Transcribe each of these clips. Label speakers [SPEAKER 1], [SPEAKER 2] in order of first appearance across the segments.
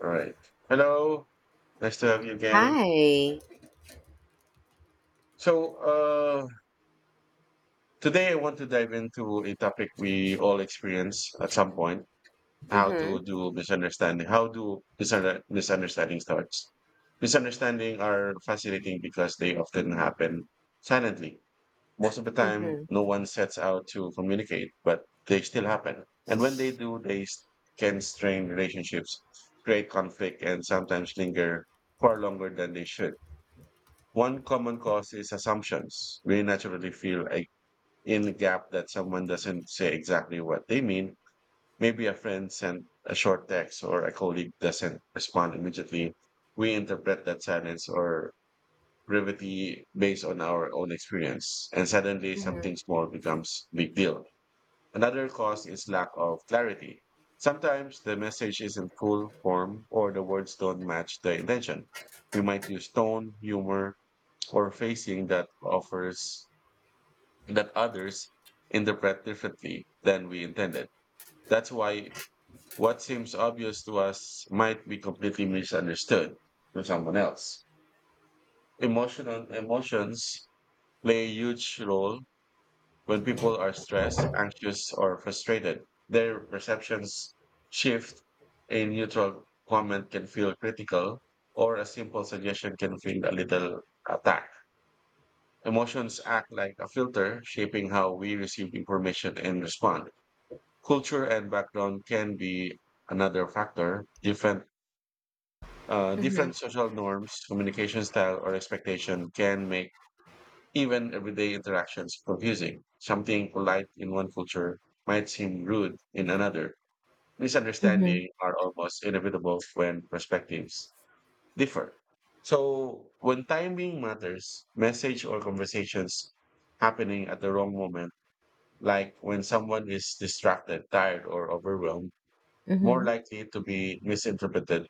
[SPEAKER 1] All right. Hello. Nice to have you again.
[SPEAKER 2] Hi.
[SPEAKER 1] So, today I want to dive into a topic we all experience at some point: how to
[SPEAKER 2] Mhm.
[SPEAKER 1] do misunderstanding. How do misunderstanding starts? Misunderstanding are fascinating because they often happen silently. Most of the time,
[SPEAKER 2] Mhm.
[SPEAKER 1] no one sets out to communicate, but they still happen. And when they do, they can strain relationships, create conflict, and sometimes linger far longer than they should. One common cause is assumptions. We naturally feel like in the gap that someone doesn't say exactly what they mean. Maybe a friend sent a short text or a colleague doesn't respond immediately. We interpret that silence or brevity based on our own experience. And suddenly something
[SPEAKER 2] Mhm.
[SPEAKER 1] small becomes big deal. Another cause is lack of clarity. Sometimes the message is in full form or the words don't match the intention. We might use tone, humor, or phrasing that offers that others interpret differently than we intended. That's why what seems obvious to us might be completely misunderstood to someone else. Emotional emotions play a huge role. When people are stressed, anxious, or frustrated, their perceptions shift. A neutral comment can feel critical, or a simple suggestion can feel a little attacked. Emotions act like a filter, shaping how we receive information and respond. Culture and background can be another factor. Different, uh,
[SPEAKER 2] Mhm.
[SPEAKER 1] different social norms, communication style, or expectation can make even everyday interactions are confusing. Something polite in one culture might seem rude in another.
[SPEAKER 2] Mhm.
[SPEAKER 1] Misunderstanding are almost inevitable when perspectives differ. So when timing matters, message or conversations happening at the wrong moment, like when someone is distracted, tired, or overwhelmed, more
[SPEAKER 2] Mhm.
[SPEAKER 1] likely to be misinterpreted.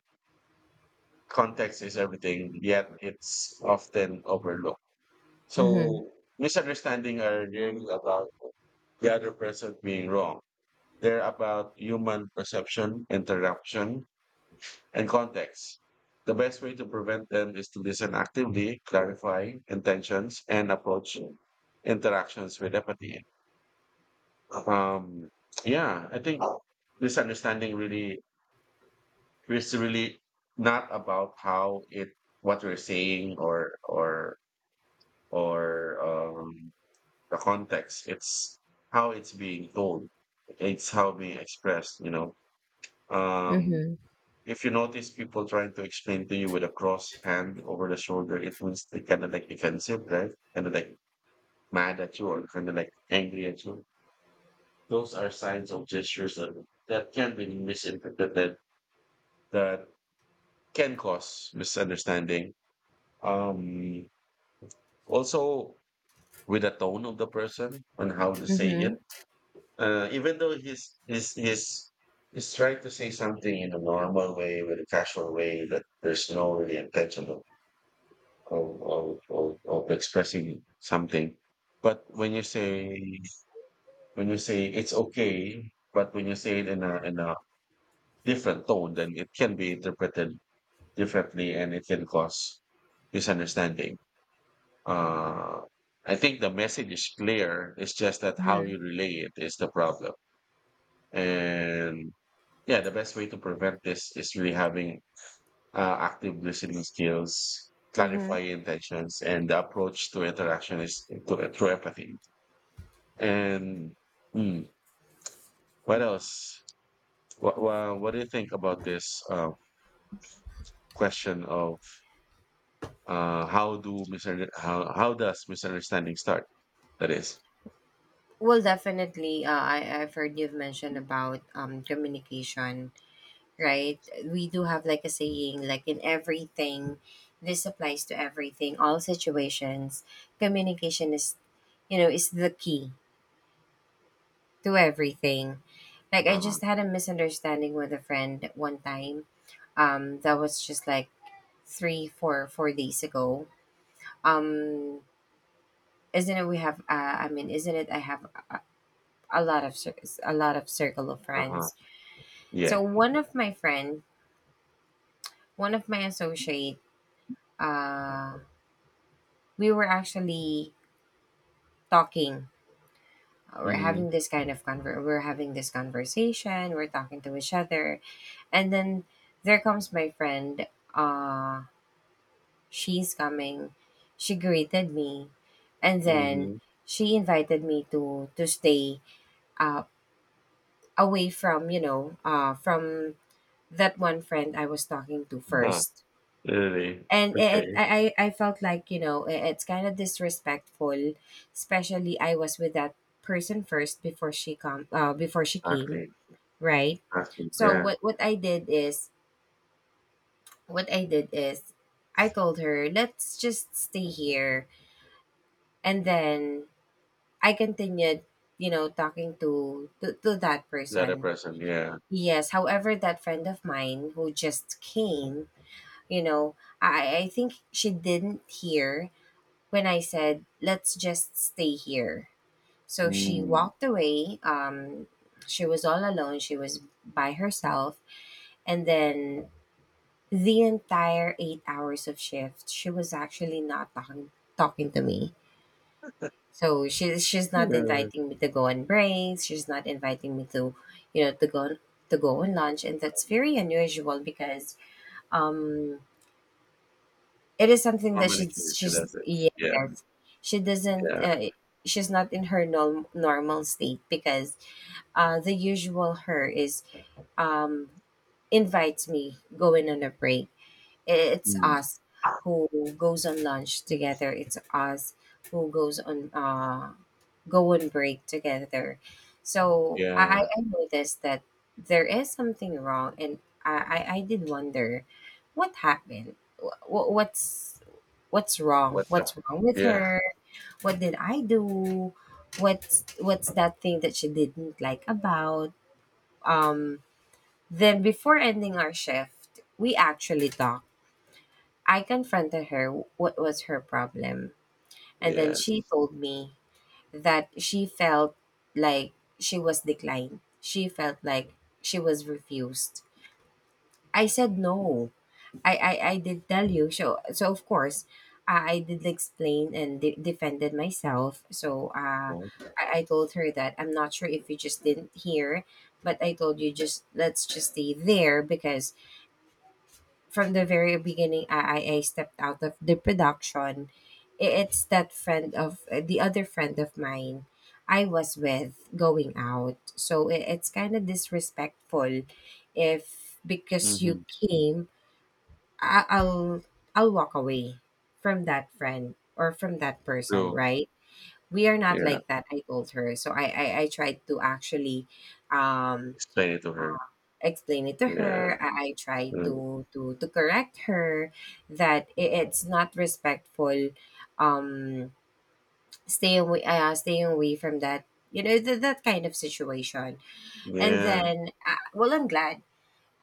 [SPEAKER 1] Context is everything, yet it's often overlooked.
[SPEAKER 2] Mhm.
[SPEAKER 1] So misunderstanding are really about the other person being wrong. They're about human perception, interruption, and context. The best way to prevent them is to listen actively, clarify intentions, and approach interactions with empathy. Um, yeah, I think misunderstanding really is really not about how it what we're saying or um, the context. It's how it's being told. It's how being expressed. Um,
[SPEAKER 2] Mhm.
[SPEAKER 1] if you notice people trying to explain to you with a crossed hand over the shoulder, it means they kind of like defensive, right? Kind of like mad at you or kind of like angry at you. Those are signs of gestures that that can be misinterpreted, that can cause misunderstanding. Um, also, with the tone of the person and how they say it.
[SPEAKER 2] Mhm.
[SPEAKER 1] Even though he's trying to say something in a normal way, with a casual way, that there's no really intention of expressing something. But when you say it's okay, but when you say it in a different tone, then it can be interpreted differently, and it can cause misunderstanding. Uh, I think the message is clear. It's just that how
[SPEAKER 2] Mhm.
[SPEAKER 1] you relay it is the problem, and yeah, the best way to prevent this is really having active listening skills,
[SPEAKER 2] Mhm.
[SPEAKER 1] clarify intentions, and the approach to interaction is to, through empathy. And mm, what else? What do you think about this question of how do how does misunderstanding start? That is.
[SPEAKER 2] Well, definitely. I've heard you've mentioned about communication, right? We do have like a saying, like in everything, this applies to everything, all situations. Communication is, is the key to everything. Like I
[SPEAKER 1] Uh-huh.
[SPEAKER 2] just had a misunderstanding with a friend one time that was just like three, 4 days ago. Um, isn't it? We have. I mean, isn't it? I have a lot of circle of
[SPEAKER 1] Uh-huh.
[SPEAKER 2] friends.
[SPEAKER 1] Yeah.
[SPEAKER 2] So one of my friend, one of my associate, uh, we were actually talking. We're
[SPEAKER 1] Mm-hmm.
[SPEAKER 2] having this kind of conver. We're having this conversation. We're talking to each other, and then there comes my friend. Uh, she's coming. She greeted me, and then
[SPEAKER 1] Mm-hmm.
[SPEAKER 2] she invited me to stay, uh, away from, from that one friend I was talking to
[SPEAKER 1] Huh.
[SPEAKER 2] first.
[SPEAKER 1] Really? Okay.
[SPEAKER 2] I felt like, it's kind of disrespectful, especially I was with that person first before she come before she came,
[SPEAKER 1] Exactly.
[SPEAKER 2] right?
[SPEAKER 1] Exactly.
[SPEAKER 2] So
[SPEAKER 1] Yeah.
[SPEAKER 2] what I did is, what I did is I told her, let's just stay here, and then I continued, talking to that
[SPEAKER 1] The other
[SPEAKER 2] person.
[SPEAKER 1] person. Yeah.
[SPEAKER 2] Yes. However, that friend of mine who just came, you know, I think she didn't hear when I said, let's just stay here. So she
[SPEAKER 1] Mm.
[SPEAKER 2] walked away. She was all alone. She was by herself. And then the entire 8 hours of shift, she was actually not talking to me. So she's not
[SPEAKER 1] Yeah.
[SPEAKER 2] inviting me to go on breaks. She's not inviting me to, you know, to go to go on lunch, and that's very unusual because um it is something that
[SPEAKER 1] Normally she
[SPEAKER 2] she's
[SPEAKER 1] she
[SPEAKER 2] she's
[SPEAKER 1] does it. Yeah,
[SPEAKER 2] yes, she doesn't,
[SPEAKER 1] yeah.
[SPEAKER 2] she's not in her normal state because, the usual her is, um invites me going on a break. It's
[SPEAKER 1] Mm,
[SPEAKER 2] us who goes on lunch together. It's us who goes on, go on break together. So i
[SPEAKER 1] yeah.
[SPEAKER 2] i noticed that there is something wrong, and i I did wonder what happened. What's
[SPEAKER 1] What's up?
[SPEAKER 2] what's wrong with
[SPEAKER 1] Yeah,
[SPEAKER 2] her? What did I do? What's that thing that she didn't like about? um then before ending our shift we actually talked. I confronted her, what was her problem, and then she
[SPEAKER 1] yes.
[SPEAKER 2] told me that she felt like she was declined, she felt like she was refused. I said no, I did tell you. So, of course, I did explain and defended myself. So,
[SPEAKER 1] Oh,
[SPEAKER 2] I told her that I'm not sure if you just didn't hear, but I told you, just, let's just stay there because from the very beginning, I stepped out of the production. It's that friend of, the other friend of mine I was with going out. So, it's kind of disrespectful if, because you
[SPEAKER 1] mhm.
[SPEAKER 2] came, I'll walk away from that friend or from that person,
[SPEAKER 1] True.
[SPEAKER 2] right? We are not
[SPEAKER 1] Yeah.
[SPEAKER 2] like that, I told her. So I tried to actually, um
[SPEAKER 1] Explain it to her.
[SPEAKER 2] explain it to
[SPEAKER 1] Yeah.
[SPEAKER 2] her. I tried
[SPEAKER 1] Mm,
[SPEAKER 2] to correct her that it's not respectful, um staying away from that, that kind of situation. And
[SPEAKER 1] yeah.
[SPEAKER 2] then, well,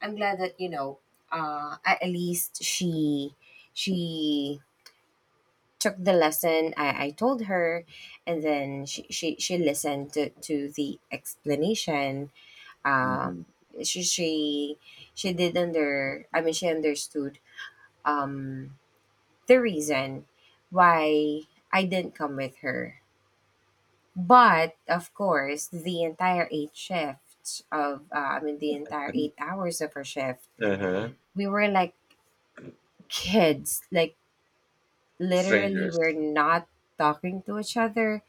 [SPEAKER 2] I'm glad that, you know, at least she took the lesson I told her, and then she listened to the explanation. um,
[SPEAKER 1] Mhm.
[SPEAKER 2] she, she she did under I mean, she understood, um, the reason why I didn't come with her. But of course, the entire eight shifts of I mean, the entire eight hours of her shift,
[SPEAKER 1] Uh-huh.
[SPEAKER 2] we were like kids, like, literally,
[SPEAKER 1] Strangers.
[SPEAKER 2] we're not talking to each other.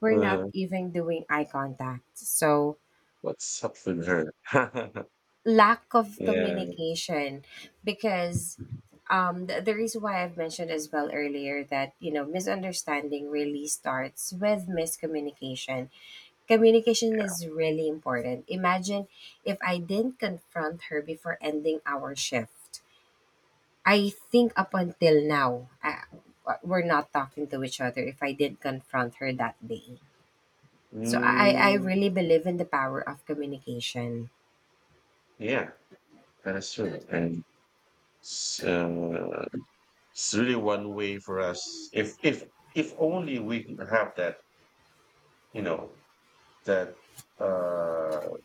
[SPEAKER 2] We're not
[SPEAKER 1] Uh-huh.
[SPEAKER 2] even doing eye contact. So,
[SPEAKER 1] What's up with her?
[SPEAKER 2] lack of
[SPEAKER 1] Yeah.
[SPEAKER 2] communication, because, the reason why I've mentioned as well earlier that, you know, misunderstanding really starts with miscommunication. Communication is really important. Imagine if I didn't confront her before ending our shift. I think up until now, we're not talking to each other if I didn't confront her that day. So I
[SPEAKER 1] Mm,
[SPEAKER 2] really believe in the power of communication.
[SPEAKER 1] yeah. That's true. And so it's really one way for us. If only we can have that, you know, that uh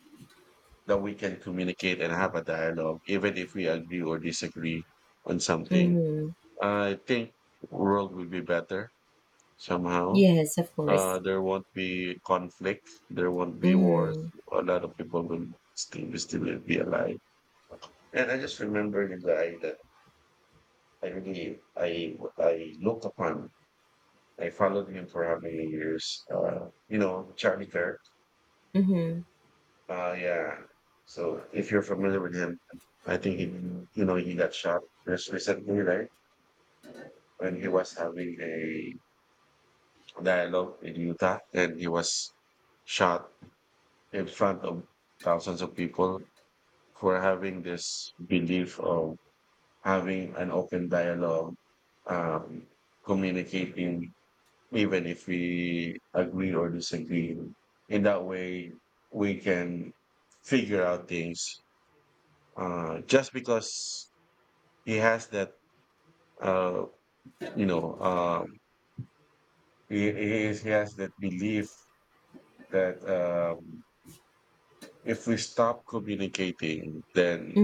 [SPEAKER 1] that we can communicate and have a dialogue, even if we agree or disagree on something.
[SPEAKER 2] Mm-hmm.
[SPEAKER 1] I think the world will be better somehow.
[SPEAKER 2] Yes, of course.
[SPEAKER 1] There won't be conflict. There won't be wars.
[SPEAKER 2] Mm-hmm.
[SPEAKER 1] A lot of people will still be alive. And I just remembered a guy that I really, I looked upon. I followed him for how many years? Charlie Kirk.
[SPEAKER 2] Mm-hmm.
[SPEAKER 1] Oh yeah. So if you're familiar with him, I think he got shot just recently, right? When he was having a dialogue in Utah, and he was shot in front of thousands of people for having this belief of having an open dialogue, um, communicating, even if we agree or disagree. In that way, we can figure out things, just because he has that uh, you know he has that belief that if we stop communicating, then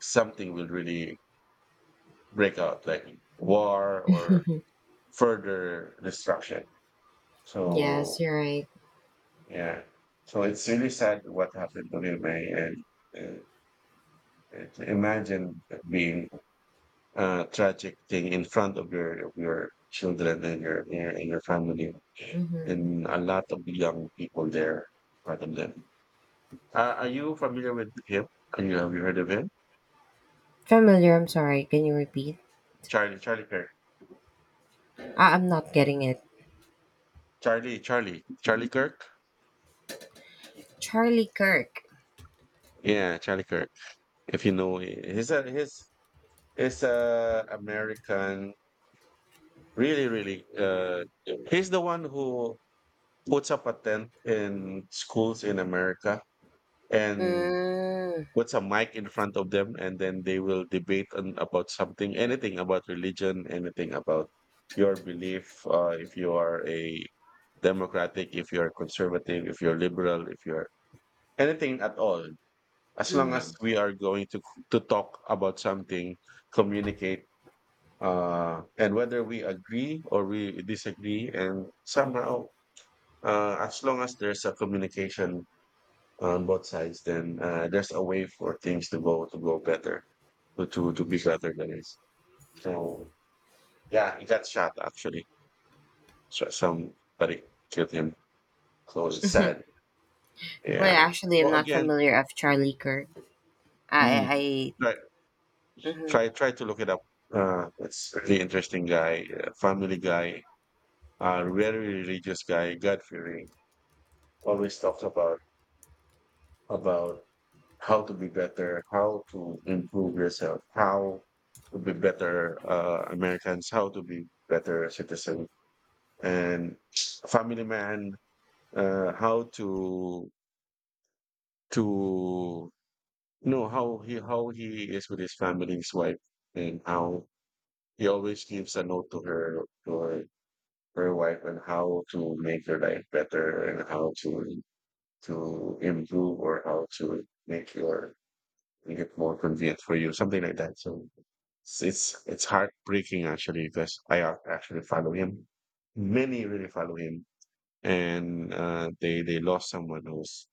[SPEAKER 1] something will really break out like war or
[SPEAKER 2] Mm-hmm.
[SPEAKER 1] further destruction.
[SPEAKER 2] Yes,
[SPEAKER 1] So
[SPEAKER 2] you're right.
[SPEAKER 1] yeah, so it's really sad what happened to him. Eh, and uh, it- imagine being a tragic thing in front of your children and your and your family,
[SPEAKER 2] Mm-hmm.
[SPEAKER 1] and a lot of young people there, a lot of them. Are you familiar with him? Have you heard of him?
[SPEAKER 2] Familiar, I'm sorry. Can you repeat?
[SPEAKER 1] Charlie, Charlie Kirk.
[SPEAKER 2] I'm not getting it.
[SPEAKER 1] Charlie, Charlie, Charlie Kirk.
[SPEAKER 2] Charlie Kirk.
[SPEAKER 1] Yeah, Charlie Kirk. If you know, he's a American. Really, really. He's the one who puts up a tent in schools in America and
[SPEAKER 2] Mm,
[SPEAKER 1] puts a mic in front of them, and then they will debate on about something, anything about religion, anything about your belief, if you are a democratic, if you are conservative, if you're liberal, if you're anything at all, as long as
[SPEAKER 2] mm-hmm.
[SPEAKER 1] we are going to talk about something, communicate, and whether we agree or we disagree, and somehow, as long as there's a communication on both sides, then there's a way for things to go better, to be better than this. So yeah, he got shot actually. So somebody killed him. So it's sad.
[SPEAKER 2] Well,
[SPEAKER 1] Yeah.
[SPEAKER 2] actually,
[SPEAKER 1] So
[SPEAKER 2] I'm not
[SPEAKER 1] again,
[SPEAKER 2] familiar of Charlie Kirk.
[SPEAKER 1] mm,
[SPEAKER 2] I,
[SPEAKER 1] try
[SPEAKER 2] mm-hmm.
[SPEAKER 1] try to look it up. It's really interesting guy, family guy, very religious guy, God fearing. Always talks about how to be better, how to improve yourself, how to be better Americans, how to be better citizen, and family man, how to to know how he is with his family, his wife, and how he always gives a note to her, her wife, and how to make your life better, and how to improve, or how to make it more convenient for you, something like that. So it's heartbreaking actually, because I actually follow him. Many really follow him, and they lost someone who's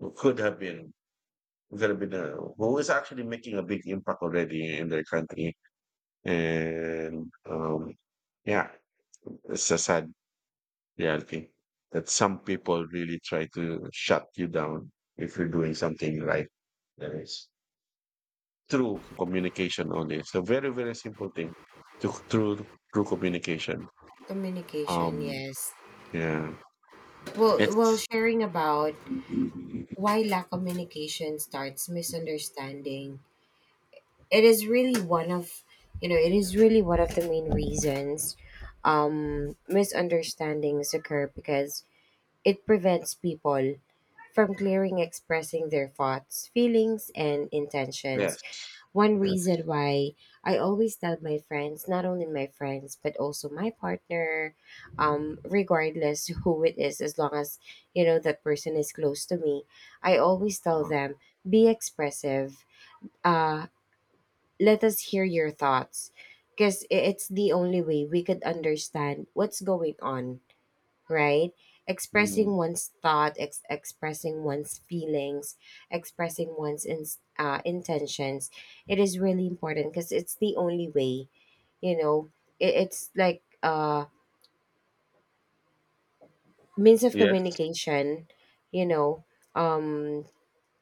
[SPEAKER 1] who could have been who is actually making a big impact already in their country. And yeah, it's a sad reality that some people really try to shut you down if you're doing something right. There is. Through communication only. So very, very simple thing. To through through communication.
[SPEAKER 2] Communication.
[SPEAKER 1] Um
[SPEAKER 2] Yes.
[SPEAKER 1] yeah.
[SPEAKER 2] Well,
[SPEAKER 1] It's
[SPEAKER 2] sharing about why lack communication starts misunderstanding, it is really one of, you know, it is really one of the main reasons misunderstandings occur, because it prevents people from clearing expressing their thoughts, feelings, and intentions.
[SPEAKER 1] Yes.
[SPEAKER 2] One
[SPEAKER 1] Yes.
[SPEAKER 2] reason why I always tell my friends, not only my friends, but also my partner, regardless who it is, as long as, you know, that person is close to me, I always tell
[SPEAKER 1] Uh-huh.
[SPEAKER 2] them, be expressive, uh let us hear your thoughts, because it's the only way we could understand what's going on, right?
[SPEAKER 1] Mm.
[SPEAKER 2] Expressing one's thought, expressing one's feelings, expressing one's intentions, it is really important because it's the only way, you know, it's like, means of
[SPEAKER 1] Yes.
[SPEAKER 2] communication, you know. um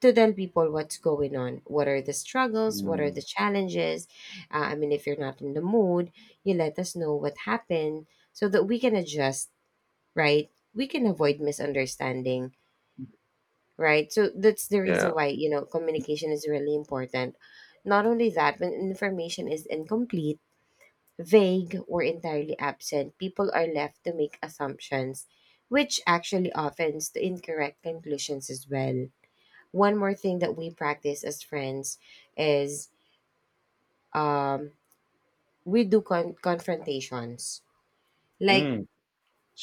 [SPEAKER 2] to tell people what's going on, what are the struggles, what are the
[SPEAKER 1] Mm.
[SPEAKER 2] challenges. I mean, if you're not in the mood, you let us know what happened so that we can adjust, right? We can avoid misunderstanding, right? So that's the reason
[SPEAKER 1] Yeah.
[SPEAKER 2] why, you know, communication is really important. Not only that, when information is incomplete, vague, or entirely absent, people are left to make assumptions, which actually often leads to incorrect conclusions as well. One more thing that we practice as friends is, um we do confrontations, like,
[SPEAKER 1] Mm.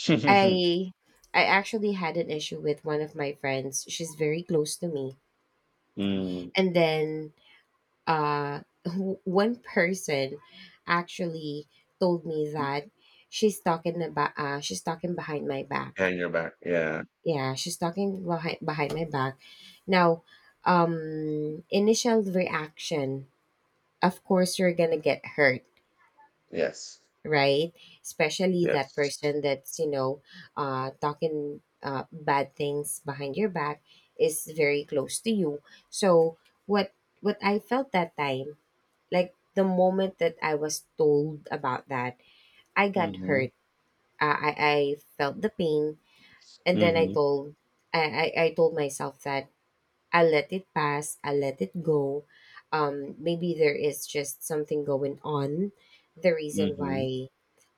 [SPEAKER 2] I I actually had an issue with one of my friends, she's very close to me,
[SPEAKER 1] Mm.
[SPEAKER 2] and then, uh one person actually told me that she's talking about, she's talking behind my back.
[SPEAKER 1] Yeah, you back. Yeah.
[SPEAKER 2] Yeah, she's talking behind my back. Now, initial reaction, of course you're gonna get hurt,
[SPEAKER 1] Yes.
[SPEAKER 2] right? Especially that
[SPEAKER 1] Yes.
[SPEAKER 2] person that's, you know, talking, bad things behind your back, is very close to you. So what what I felt that time, like the moment that I was told about that, I got
[SPEAKER 1] Mm-hmm.
[SPEAKER 2] hurt. I felt the pain, and then
[SPEAKER 1] Mm-hmm.
[SPEAKER 2] I told myself that I let it pass, I let it go. Maybe there is just something going on, the reason
[SPEAKER 1] Mm-hmm.
[SPEAKER 2] why,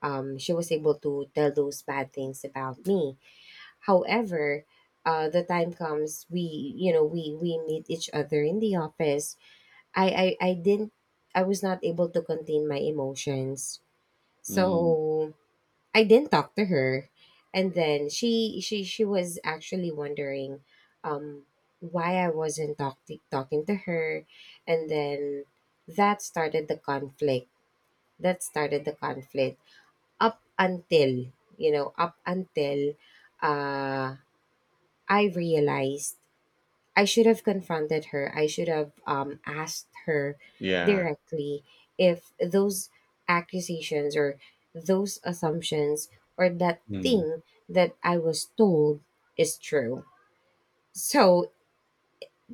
[SPEAKER 2] she was able to tell those bad things about me. However, the time comes, we you know we meet each other in the office. I didn't, I was not able to contain my emotions.
[SPEAKER 1] Mm.
[SPEAKER 2] So I didn't talk to her, and then she was actually wondering, um, why I wasn't talking to her, and then that started the conflict. That started the conflict up until, you know, up until uh, I realized I should have confronted her. I should have, asked her
[SPEAKER 1] Yeah.
[SPEAKER 2] directly if those accusations or those assumptions or that
[SPEAKER 1] Mm.
[SPEAKER 2] thing that I was told is true. So,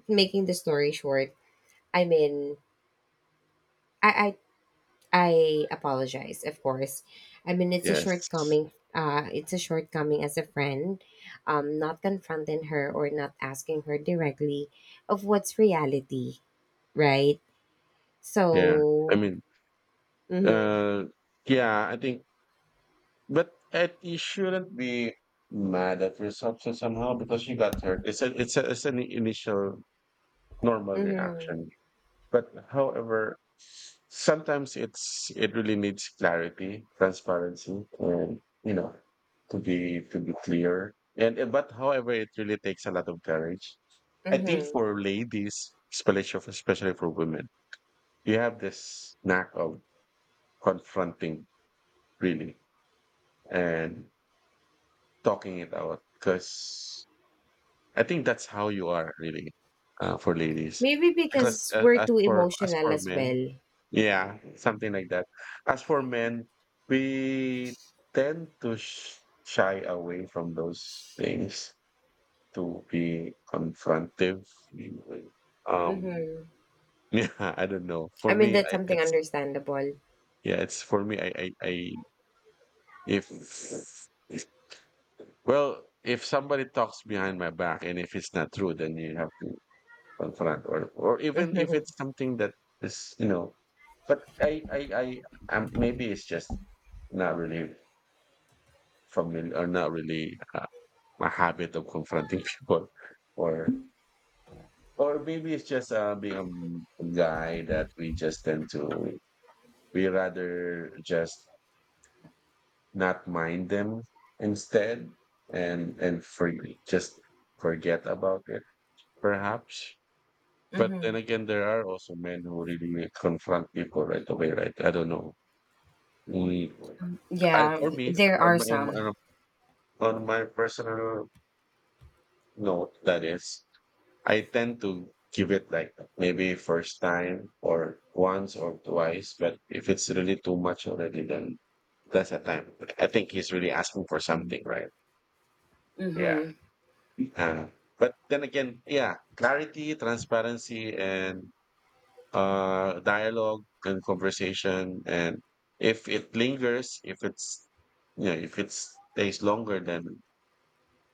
[SPEAKER 2] making the story short, I mean, I I apologize, of course. I mean, it's a
[SPEAKER 1] Yes.
[SPEAKER 2] shortcoming. It's a shortcoming as a friend, not confronting her or not asking her directly of what's reality, right?
[SPEAKER 1] Yeah. I
[SPEAKER 2] So.
[SPEAKER 1] mean,
[SPEAKER 2] Mhm.
[SPEAKER 1] uh yeah, I think. But it, you shouldn't be mad at yourself so somehow, because you got hurt. It's an initial normal
[SPEAKER 2] Mhm.
[SPEAKER 1] reaction. But however, sometimes it really needs clarity, transparency, and to be clear. But however, it really takes a lot of courage. I think
[SPEAKER 2] Mhm.
[SPEAKER 1] for ladies, especially for women, you have this knack of confronting really and talking it out, because I think that's how you are really, for ladies.
[SPEAKER 2] Maybe
[SPEAKER 1] Because,
[SPEAKER 2] because we're
[SPEAKER 1] as
[SPEAKER 2] too
[SPEAKER 1] for as
[SPEAKER 2] emotional
[SPEAKER 1] for
[SPEAKER 2] as
[SPEAKER 1] men,
[SPEAKER 2] well.
[SPEAKER 1] yeah, something like that. As for men, we tend to sh shy away from those things, to be confrontive, really. Um,
[SPEAKER 2] Mhm.
[SPEAKER 1] yeah, I don't know. For
[SPEAKER 2] I mean,
[SPEAKER 1] me,
[SPEAKER 2] that's
[SPEAKER 1] I
[SPEAKER 2] something
[SPEAKER 1] it's,
[SPEAKER 2] understandable.
[SPEAKER 1] yeah, it's for me, I if, well, if somebody talks behind my back and if it's not true, then you have to confront, or even if
[SPEAKER 2] Mhm.
[SPEAKER 1] it's something that is, but I'm, maybe it's just not really familiar, or not really, a habit of confronting people, or or maybe it's just, being a guy, that we just tend to, we rather just not mind them instead, and for just forget about it, perhaps. But
[SPEAKER 2] Mhm.
[SPEAKER 1] then again, there are also men who really confront people right away, right? I don't know. We, I,
[SPEAKER 2] Yeah,
[SPEAKER 1] for me,
[SPEAKER 2] there are
[SPEAKER 1] on my, on my
[SPEAKER 2] some.
[SPEAKER 1] on my personal note, that is, I tend to give it like maybe first time or once or twice. But if it's really too much already, then that's a time. I think he's really asking for something, right? Yeah.
[SPEAKER 2] Mhm.
[SPEAKER 1] Uh, but then again, yeah, clarity, transparency, and dialogue and conversation. And if it lingers, if it stays longer, then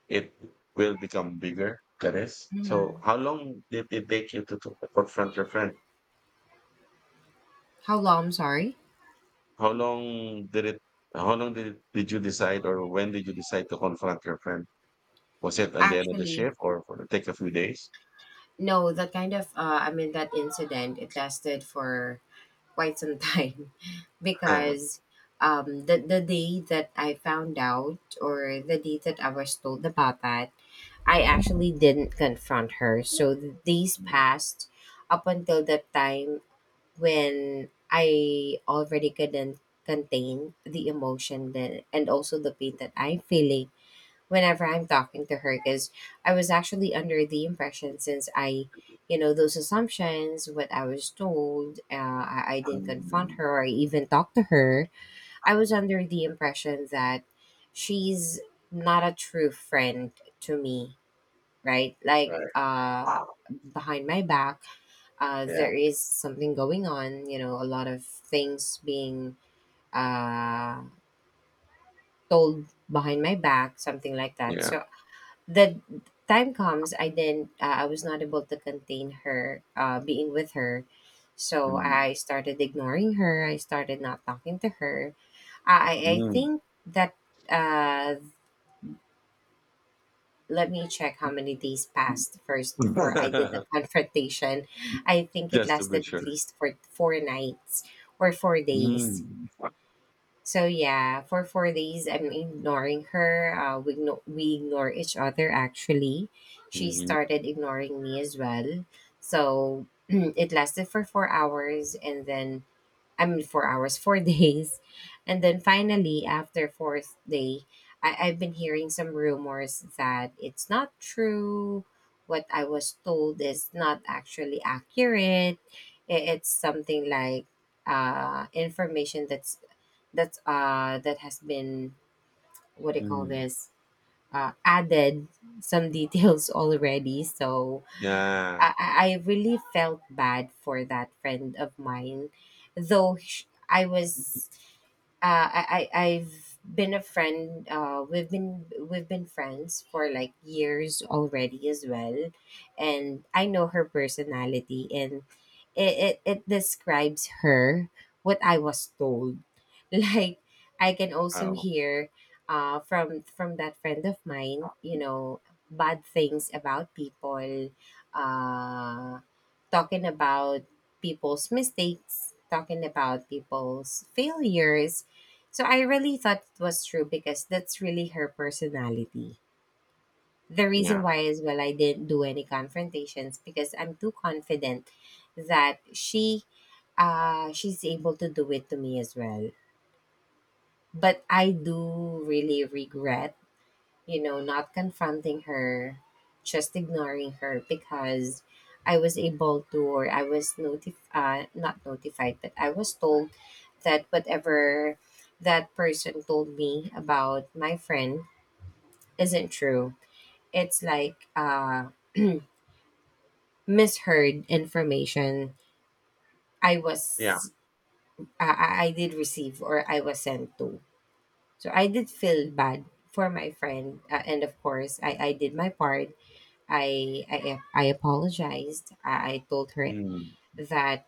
[SPEAKER 1] it will become bigger. That is. So
[SPEAKER 2] Mhm.
[SPEAKER 1] how long did it take you to confront your friend?
[SPEAKER 2] How long? I'm sorry.
[SPEAKER 1] How long did it, how long did, it, did you decide or when did you decide to confront your friend? Was it at the end of the
[SPEAKER 2] Actually,
[SPEAKER 1] shift or for take a few days?
[SPEAKER 2] no, that kind of, I mean, that incident, it lasted for quite some time
[SPEAKER 1] Uh-huh.
[SPEAKER 2] because, the day that I found out or the day that I was told about that, I actually didn't confront her. So days
[SPEAKER 1] Mm.
[SPEAKER 2] passed up until the time when I already couldn't contain the emotion that, and also the pain that I'm feeling whenever I'm talking to her, because I was actually under the impression, since I, you know, those assumptions, what I was told, I didn't confront
[SPEAKER 1] Mm.
[SPEAKER 2] her or even talk to her. I was under the impression that she's not a true friend to me, right? Like,
[SPEAKER 1] Right.
[SPEAKER 2] behind my back,
[SPEAKER 1] Yeah.
[SPEAKER 2] there is something going on, you know, a lot of things being, uh, told behind my back, something like that.
[SPEAKER 1] Yeah.
[SPEAKER 2] So the time comes, I was not able to contain her, being with her. So
[SPEAKER 1] Mm.
[SPEAKER 2] I started ignoring her. I started not talking to her. I think that, uh, let me check how many days passed first before I did
[SPEAKER 1] Mm.
[SPEAKER 2] the confrontation. I think it
[SPEAKER 1] Just to be
[SPEAKER 2] lasted at
[SPEAKER 1] sure.
[SPEAKER 2] least for four nights or 4 days.
[SPEAKER 1] Mm.
[SPEAKER 2] So yeah, for 4 days I'm ignoring her. We we ignore each other actually. She
[SPEAKER 1] Mhm,
[SPEAKER 2] started ignoring me as well. So it lasted for 4 hours and then, I mean, four days. And then finally, after fourth day, I've been hearing some rumors that it's not true. What I was told is not actually accurate. It's something like, information that has been, what do you call
[SPEAKER 1] mm.
[SPEAKER 2] this, added some details already. So
[SPEAKER 1] Yeah.
[SPEAKER 2] I really felt bad for that friend of mine, though I've been a friend. We've been friends for like years already as well, and I know her personality, and it describes her what I was told. Like I can also
[SPEAKER 1] Oh,
[SPEAKER 2] hear, from that friend of mine, you know, bad things about people, uh, talking about people's mistakes, talking about people's failures. So I really thought it was true because that's really her personality. The reason
[SPEAKER 1] yeah,
[SPEAKER 2] why is, well, I didn't do any confrontations because I'm too confident that she's able to do it to me as well. But I do really regret, you know, not confronting her, just ignoring her, because I was able to, or I was notified, not notified, but I was told that whatever that person told me about my friend isn't true. It's like, misheard information I
[SPEAKER 1] yeah.
[SPEAKER 2] was, I did receive or I was sent to. So I did feel bad for my friend. And of course, I did my part. I I I apologized. I told her
[SPEAKER 1] Mm.
[SPEAKER 2] that,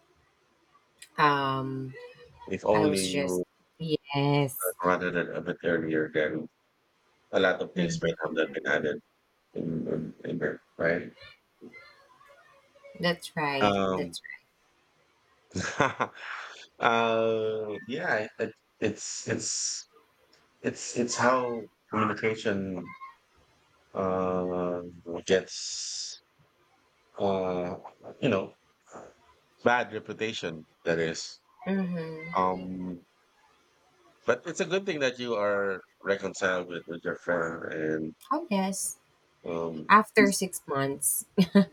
[SPEAKER 2] um
[SPEAKER 1] If
[SPEAKER 2] I was
[SPEAKER 1] only you
[SPEAKER 2] just, yes.
[SPEAKER 1] had rather than a bit earlier, then a lot of things might have
[SPEAKER 2] Mhm.
[SPEAKER 1] not been added in in there, right?
[SPEAKER 2] That's right.
[SPEAKER 1] Um,
[SPEAKER 2] That's
[SPEAKER 1] yeah, it's it's it's how communication uh gets uh you know bad reputation that is
[SPEAKER 2] right. Mm-hmm.
[SPEAKER 1] um. But it's a good thing that you are reconciled with your friend and
[SPEAKER 2] Oh yes.
[SPEAKER 1] um.
[SPEAKER 2] After 6 months,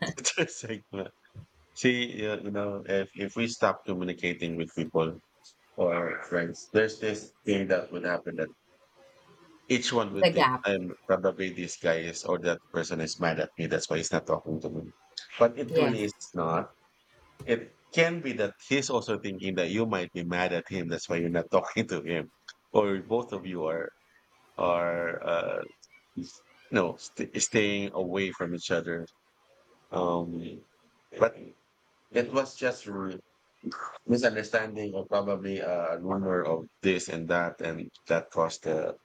[SPEAKER 1] It's just like, see you, you know, if we stop communicating with people or our friends, there's this thing that would happen that each one
[SPEAKER 2] the
[SPEAKER 1] would think
[SPEAKER 2] gap.
[SPEAKER 1] I'm probably this guy is or that person is mad at me, that's why he's not talking to me. But it
[SPEAKER 2] Yes.
[SPEAKER 1] really is not. It can be that he's also thinking that you might be mad at him, that's why you're not talking to him. Or both of you are are uh, no, st- staying away from each other. Um, but it was just r- misunderstanding or probably a rumor of this and that caused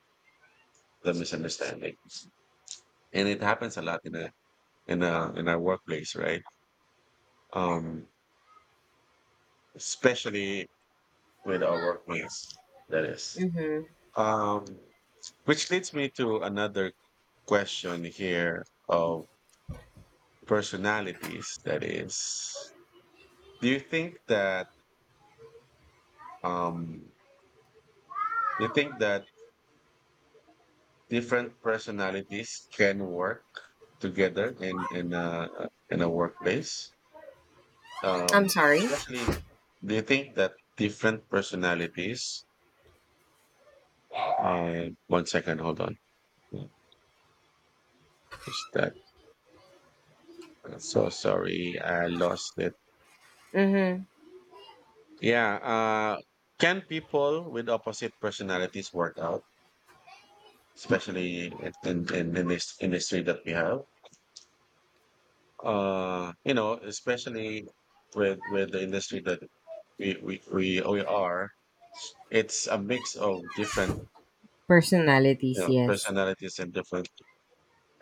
[SPEAKER 1] the misunderstanding. And it happens a lot in our workplace, right? Um, especially with our workmates. That is.
[SPEAKER 2] Mm-hmm.
[SPEAKER 1] Um, which leads me to another question here of personalities. That is, do you think that um, you think that different personalities can work together in a workplace?
[SPEAKER 2] I'm sorry.
[SPEAKER 1] Especially, do you think that different personalities? One second, hold on. Is that so? Sorry, I lost it.
[SPEAKER 2] Mm-hmm.
[SPEAKER 1] Yeah. Can people with opposite personalities work out, especially in this industry that we have? Especially with the industry that we are. It's a mix of different, you
[SPEAKER 2] Personalities.
[SPEAKER 1] know,
[SPEAKER 2] Yes.
[SPEAKER 1] personalities and different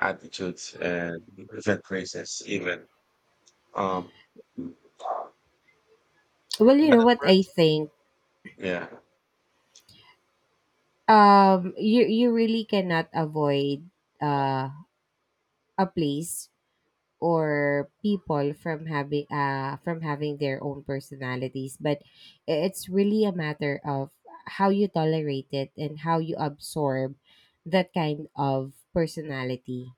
[SPEAKER 1] attitudes and different races even um.
[SPEAKER 2] Well, you
[SPEAKER 1] But
[SPEAKER 2] know
[SPEAKER 1] at
[SPEAKER 2] what I
[SPEAKER 1] first,
[SPEAKER 2] think.
[SPEAKER 1] yeah,
[SPEAKER 2] You really cannot avoid, uh a place or people from having, from having their own personalities, but it's really a matter of how you tolerate it and how you absorb that kind of personality.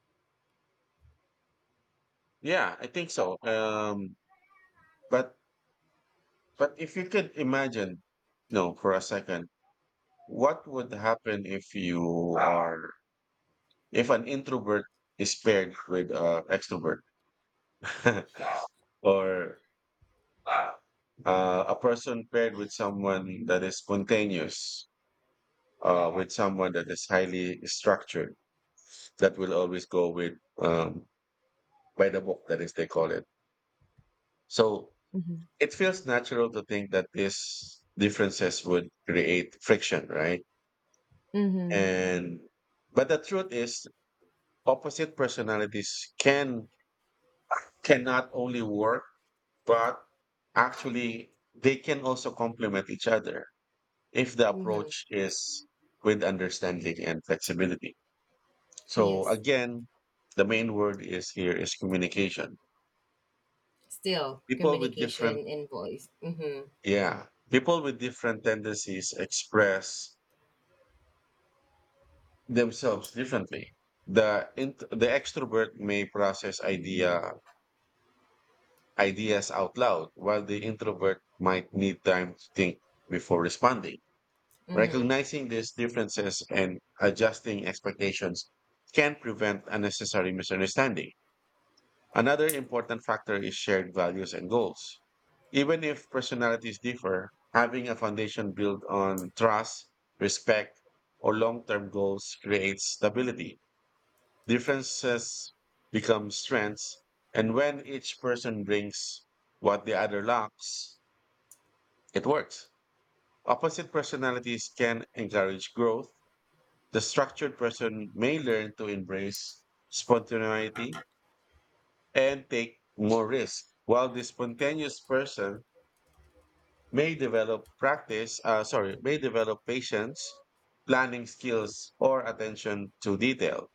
[SPEAKER 1] yeah, I think so, um, but if you could imagine, no, for a second, what would happen if you are, if an introvert is paired with an extrovert, or a person paired with someone that is spontaneous, with someone that is highly structured, that will always go with um, by the book, that is, they call it. So
[SPEAKER 2] Mm-hmm.
[SPEAKER 1] it feels natural to think that these differences would create friction, right?
[SPEAKER 2] Mm-hmm.
[SPEAKER 1] And but the truth is, opposite personalities can not only work, but actually they can also complement each other if the
[SPEAKER 2] Mm-hmm.
[SPEAKER 1] approach is with understanding and flexibility. So
[SPEAKER 2] Yes,
[SPEAKER 1] again, the main word is here is communication.
[SPEAKER 2] still
[SPEAKER 1] People with different,
[SPEAKER 2] communication and voice. Mm-hmm.
[SPEAKER 1] yeah, people with different tendencies express themselves differently. The int- the extrovert may process ideas out loud, while the introvert might need time to think before responding.
[SPEAKER 2] Mm-hmm.
[SPEAKER 1] Recognizing these differences and adjusting expectations can prevent unnecessary misunderstanding. Another important factor is shared values and goals. Even if personalities differ, having a foundation built on trust, respect, or long term goals creates stability. Differences become strengths, and when each person brings what the other lacks, it works. Opposite personalities can encourage growth. The structured person may learn to embrace spontaneity and take more risks. While the spontaneous person may develop may develop patience, planning skills, or attention to detail.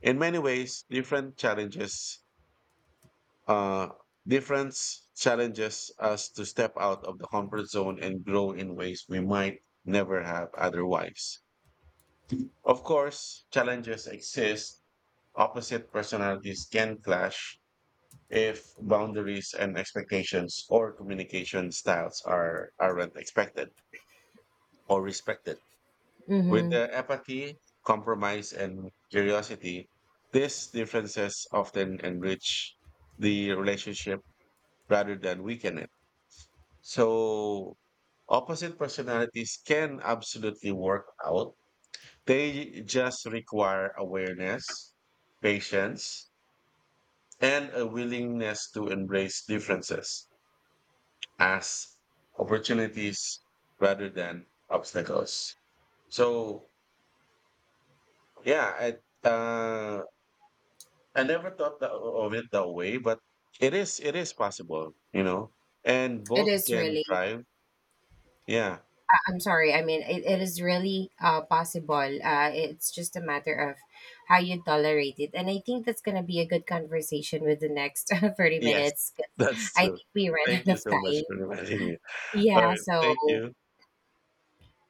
[SPEAKER 1] In many ways, uh, difference challenges us to step out of the comfort zone and grow in ways we might never have otherwise. Of course, challenges exist. Opposite personalities can clash, if boundaries and expectations or communication styles aren't expected or respected. With
[SPEAKER 2] Mm-hmm.
[SPEAKER 1] the apathy, compromise, and curiosity, these differences often enrich the relationship rather than weaken it. So opposite personalities can absolutely work out. They just require awareness, patience, and a willingness to embrace differences as opportunities rather than obstacles. So yeah, I never thought tha- of it that way, but it is possible, you know, and
[SPEAKER 2] It
[SPEAKER 1] both
[SPEAKER 2] is
[SPEAKER 1] can
[SPEAKER 2] really,
[SPEAKER 1] thrive. Yeah.
[SPEAKER 2] I'm sorry. I mean, it is really, possible. It's just a matter of how you tolerate it. And I think that's going to be a good conversation with the next 30
[SPEAKER 1] Yes,
[SPEAKER 2] minutes, 'cause
[SPEAKER 1] that's
[SPEAKER 2] I
[SPEAKER 1] true.
[SPEAKER 2] think we ran out
[SPEAKER 1] Thank you
[SPEAKER 2] of
[SPEAKER 1] so much for
[SPEAKER 2] time.
[SPEAKER 1] reminding me. All
[SPEAKER 2] Yeah.
[SPEAKER 1] right, thank
[SPEAKER 2] So
[SPEAKER 1] you.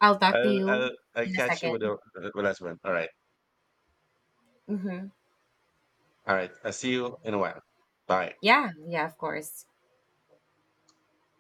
[SPEAKER 2] I'll talk to you
[SPEAKER 1] I'll
[SPEAKER 2] in a
[SPEAKER 1] catch you with
[SPEAKER 2] second.
[SPEAKER 1] the last one. All right,
[SPEAKER 2] Mm-hmm.
[SPEAKER 1] all right. I'll see you in a while. Bye.
[SPEAKER 2] Yeah. Yeah, of course.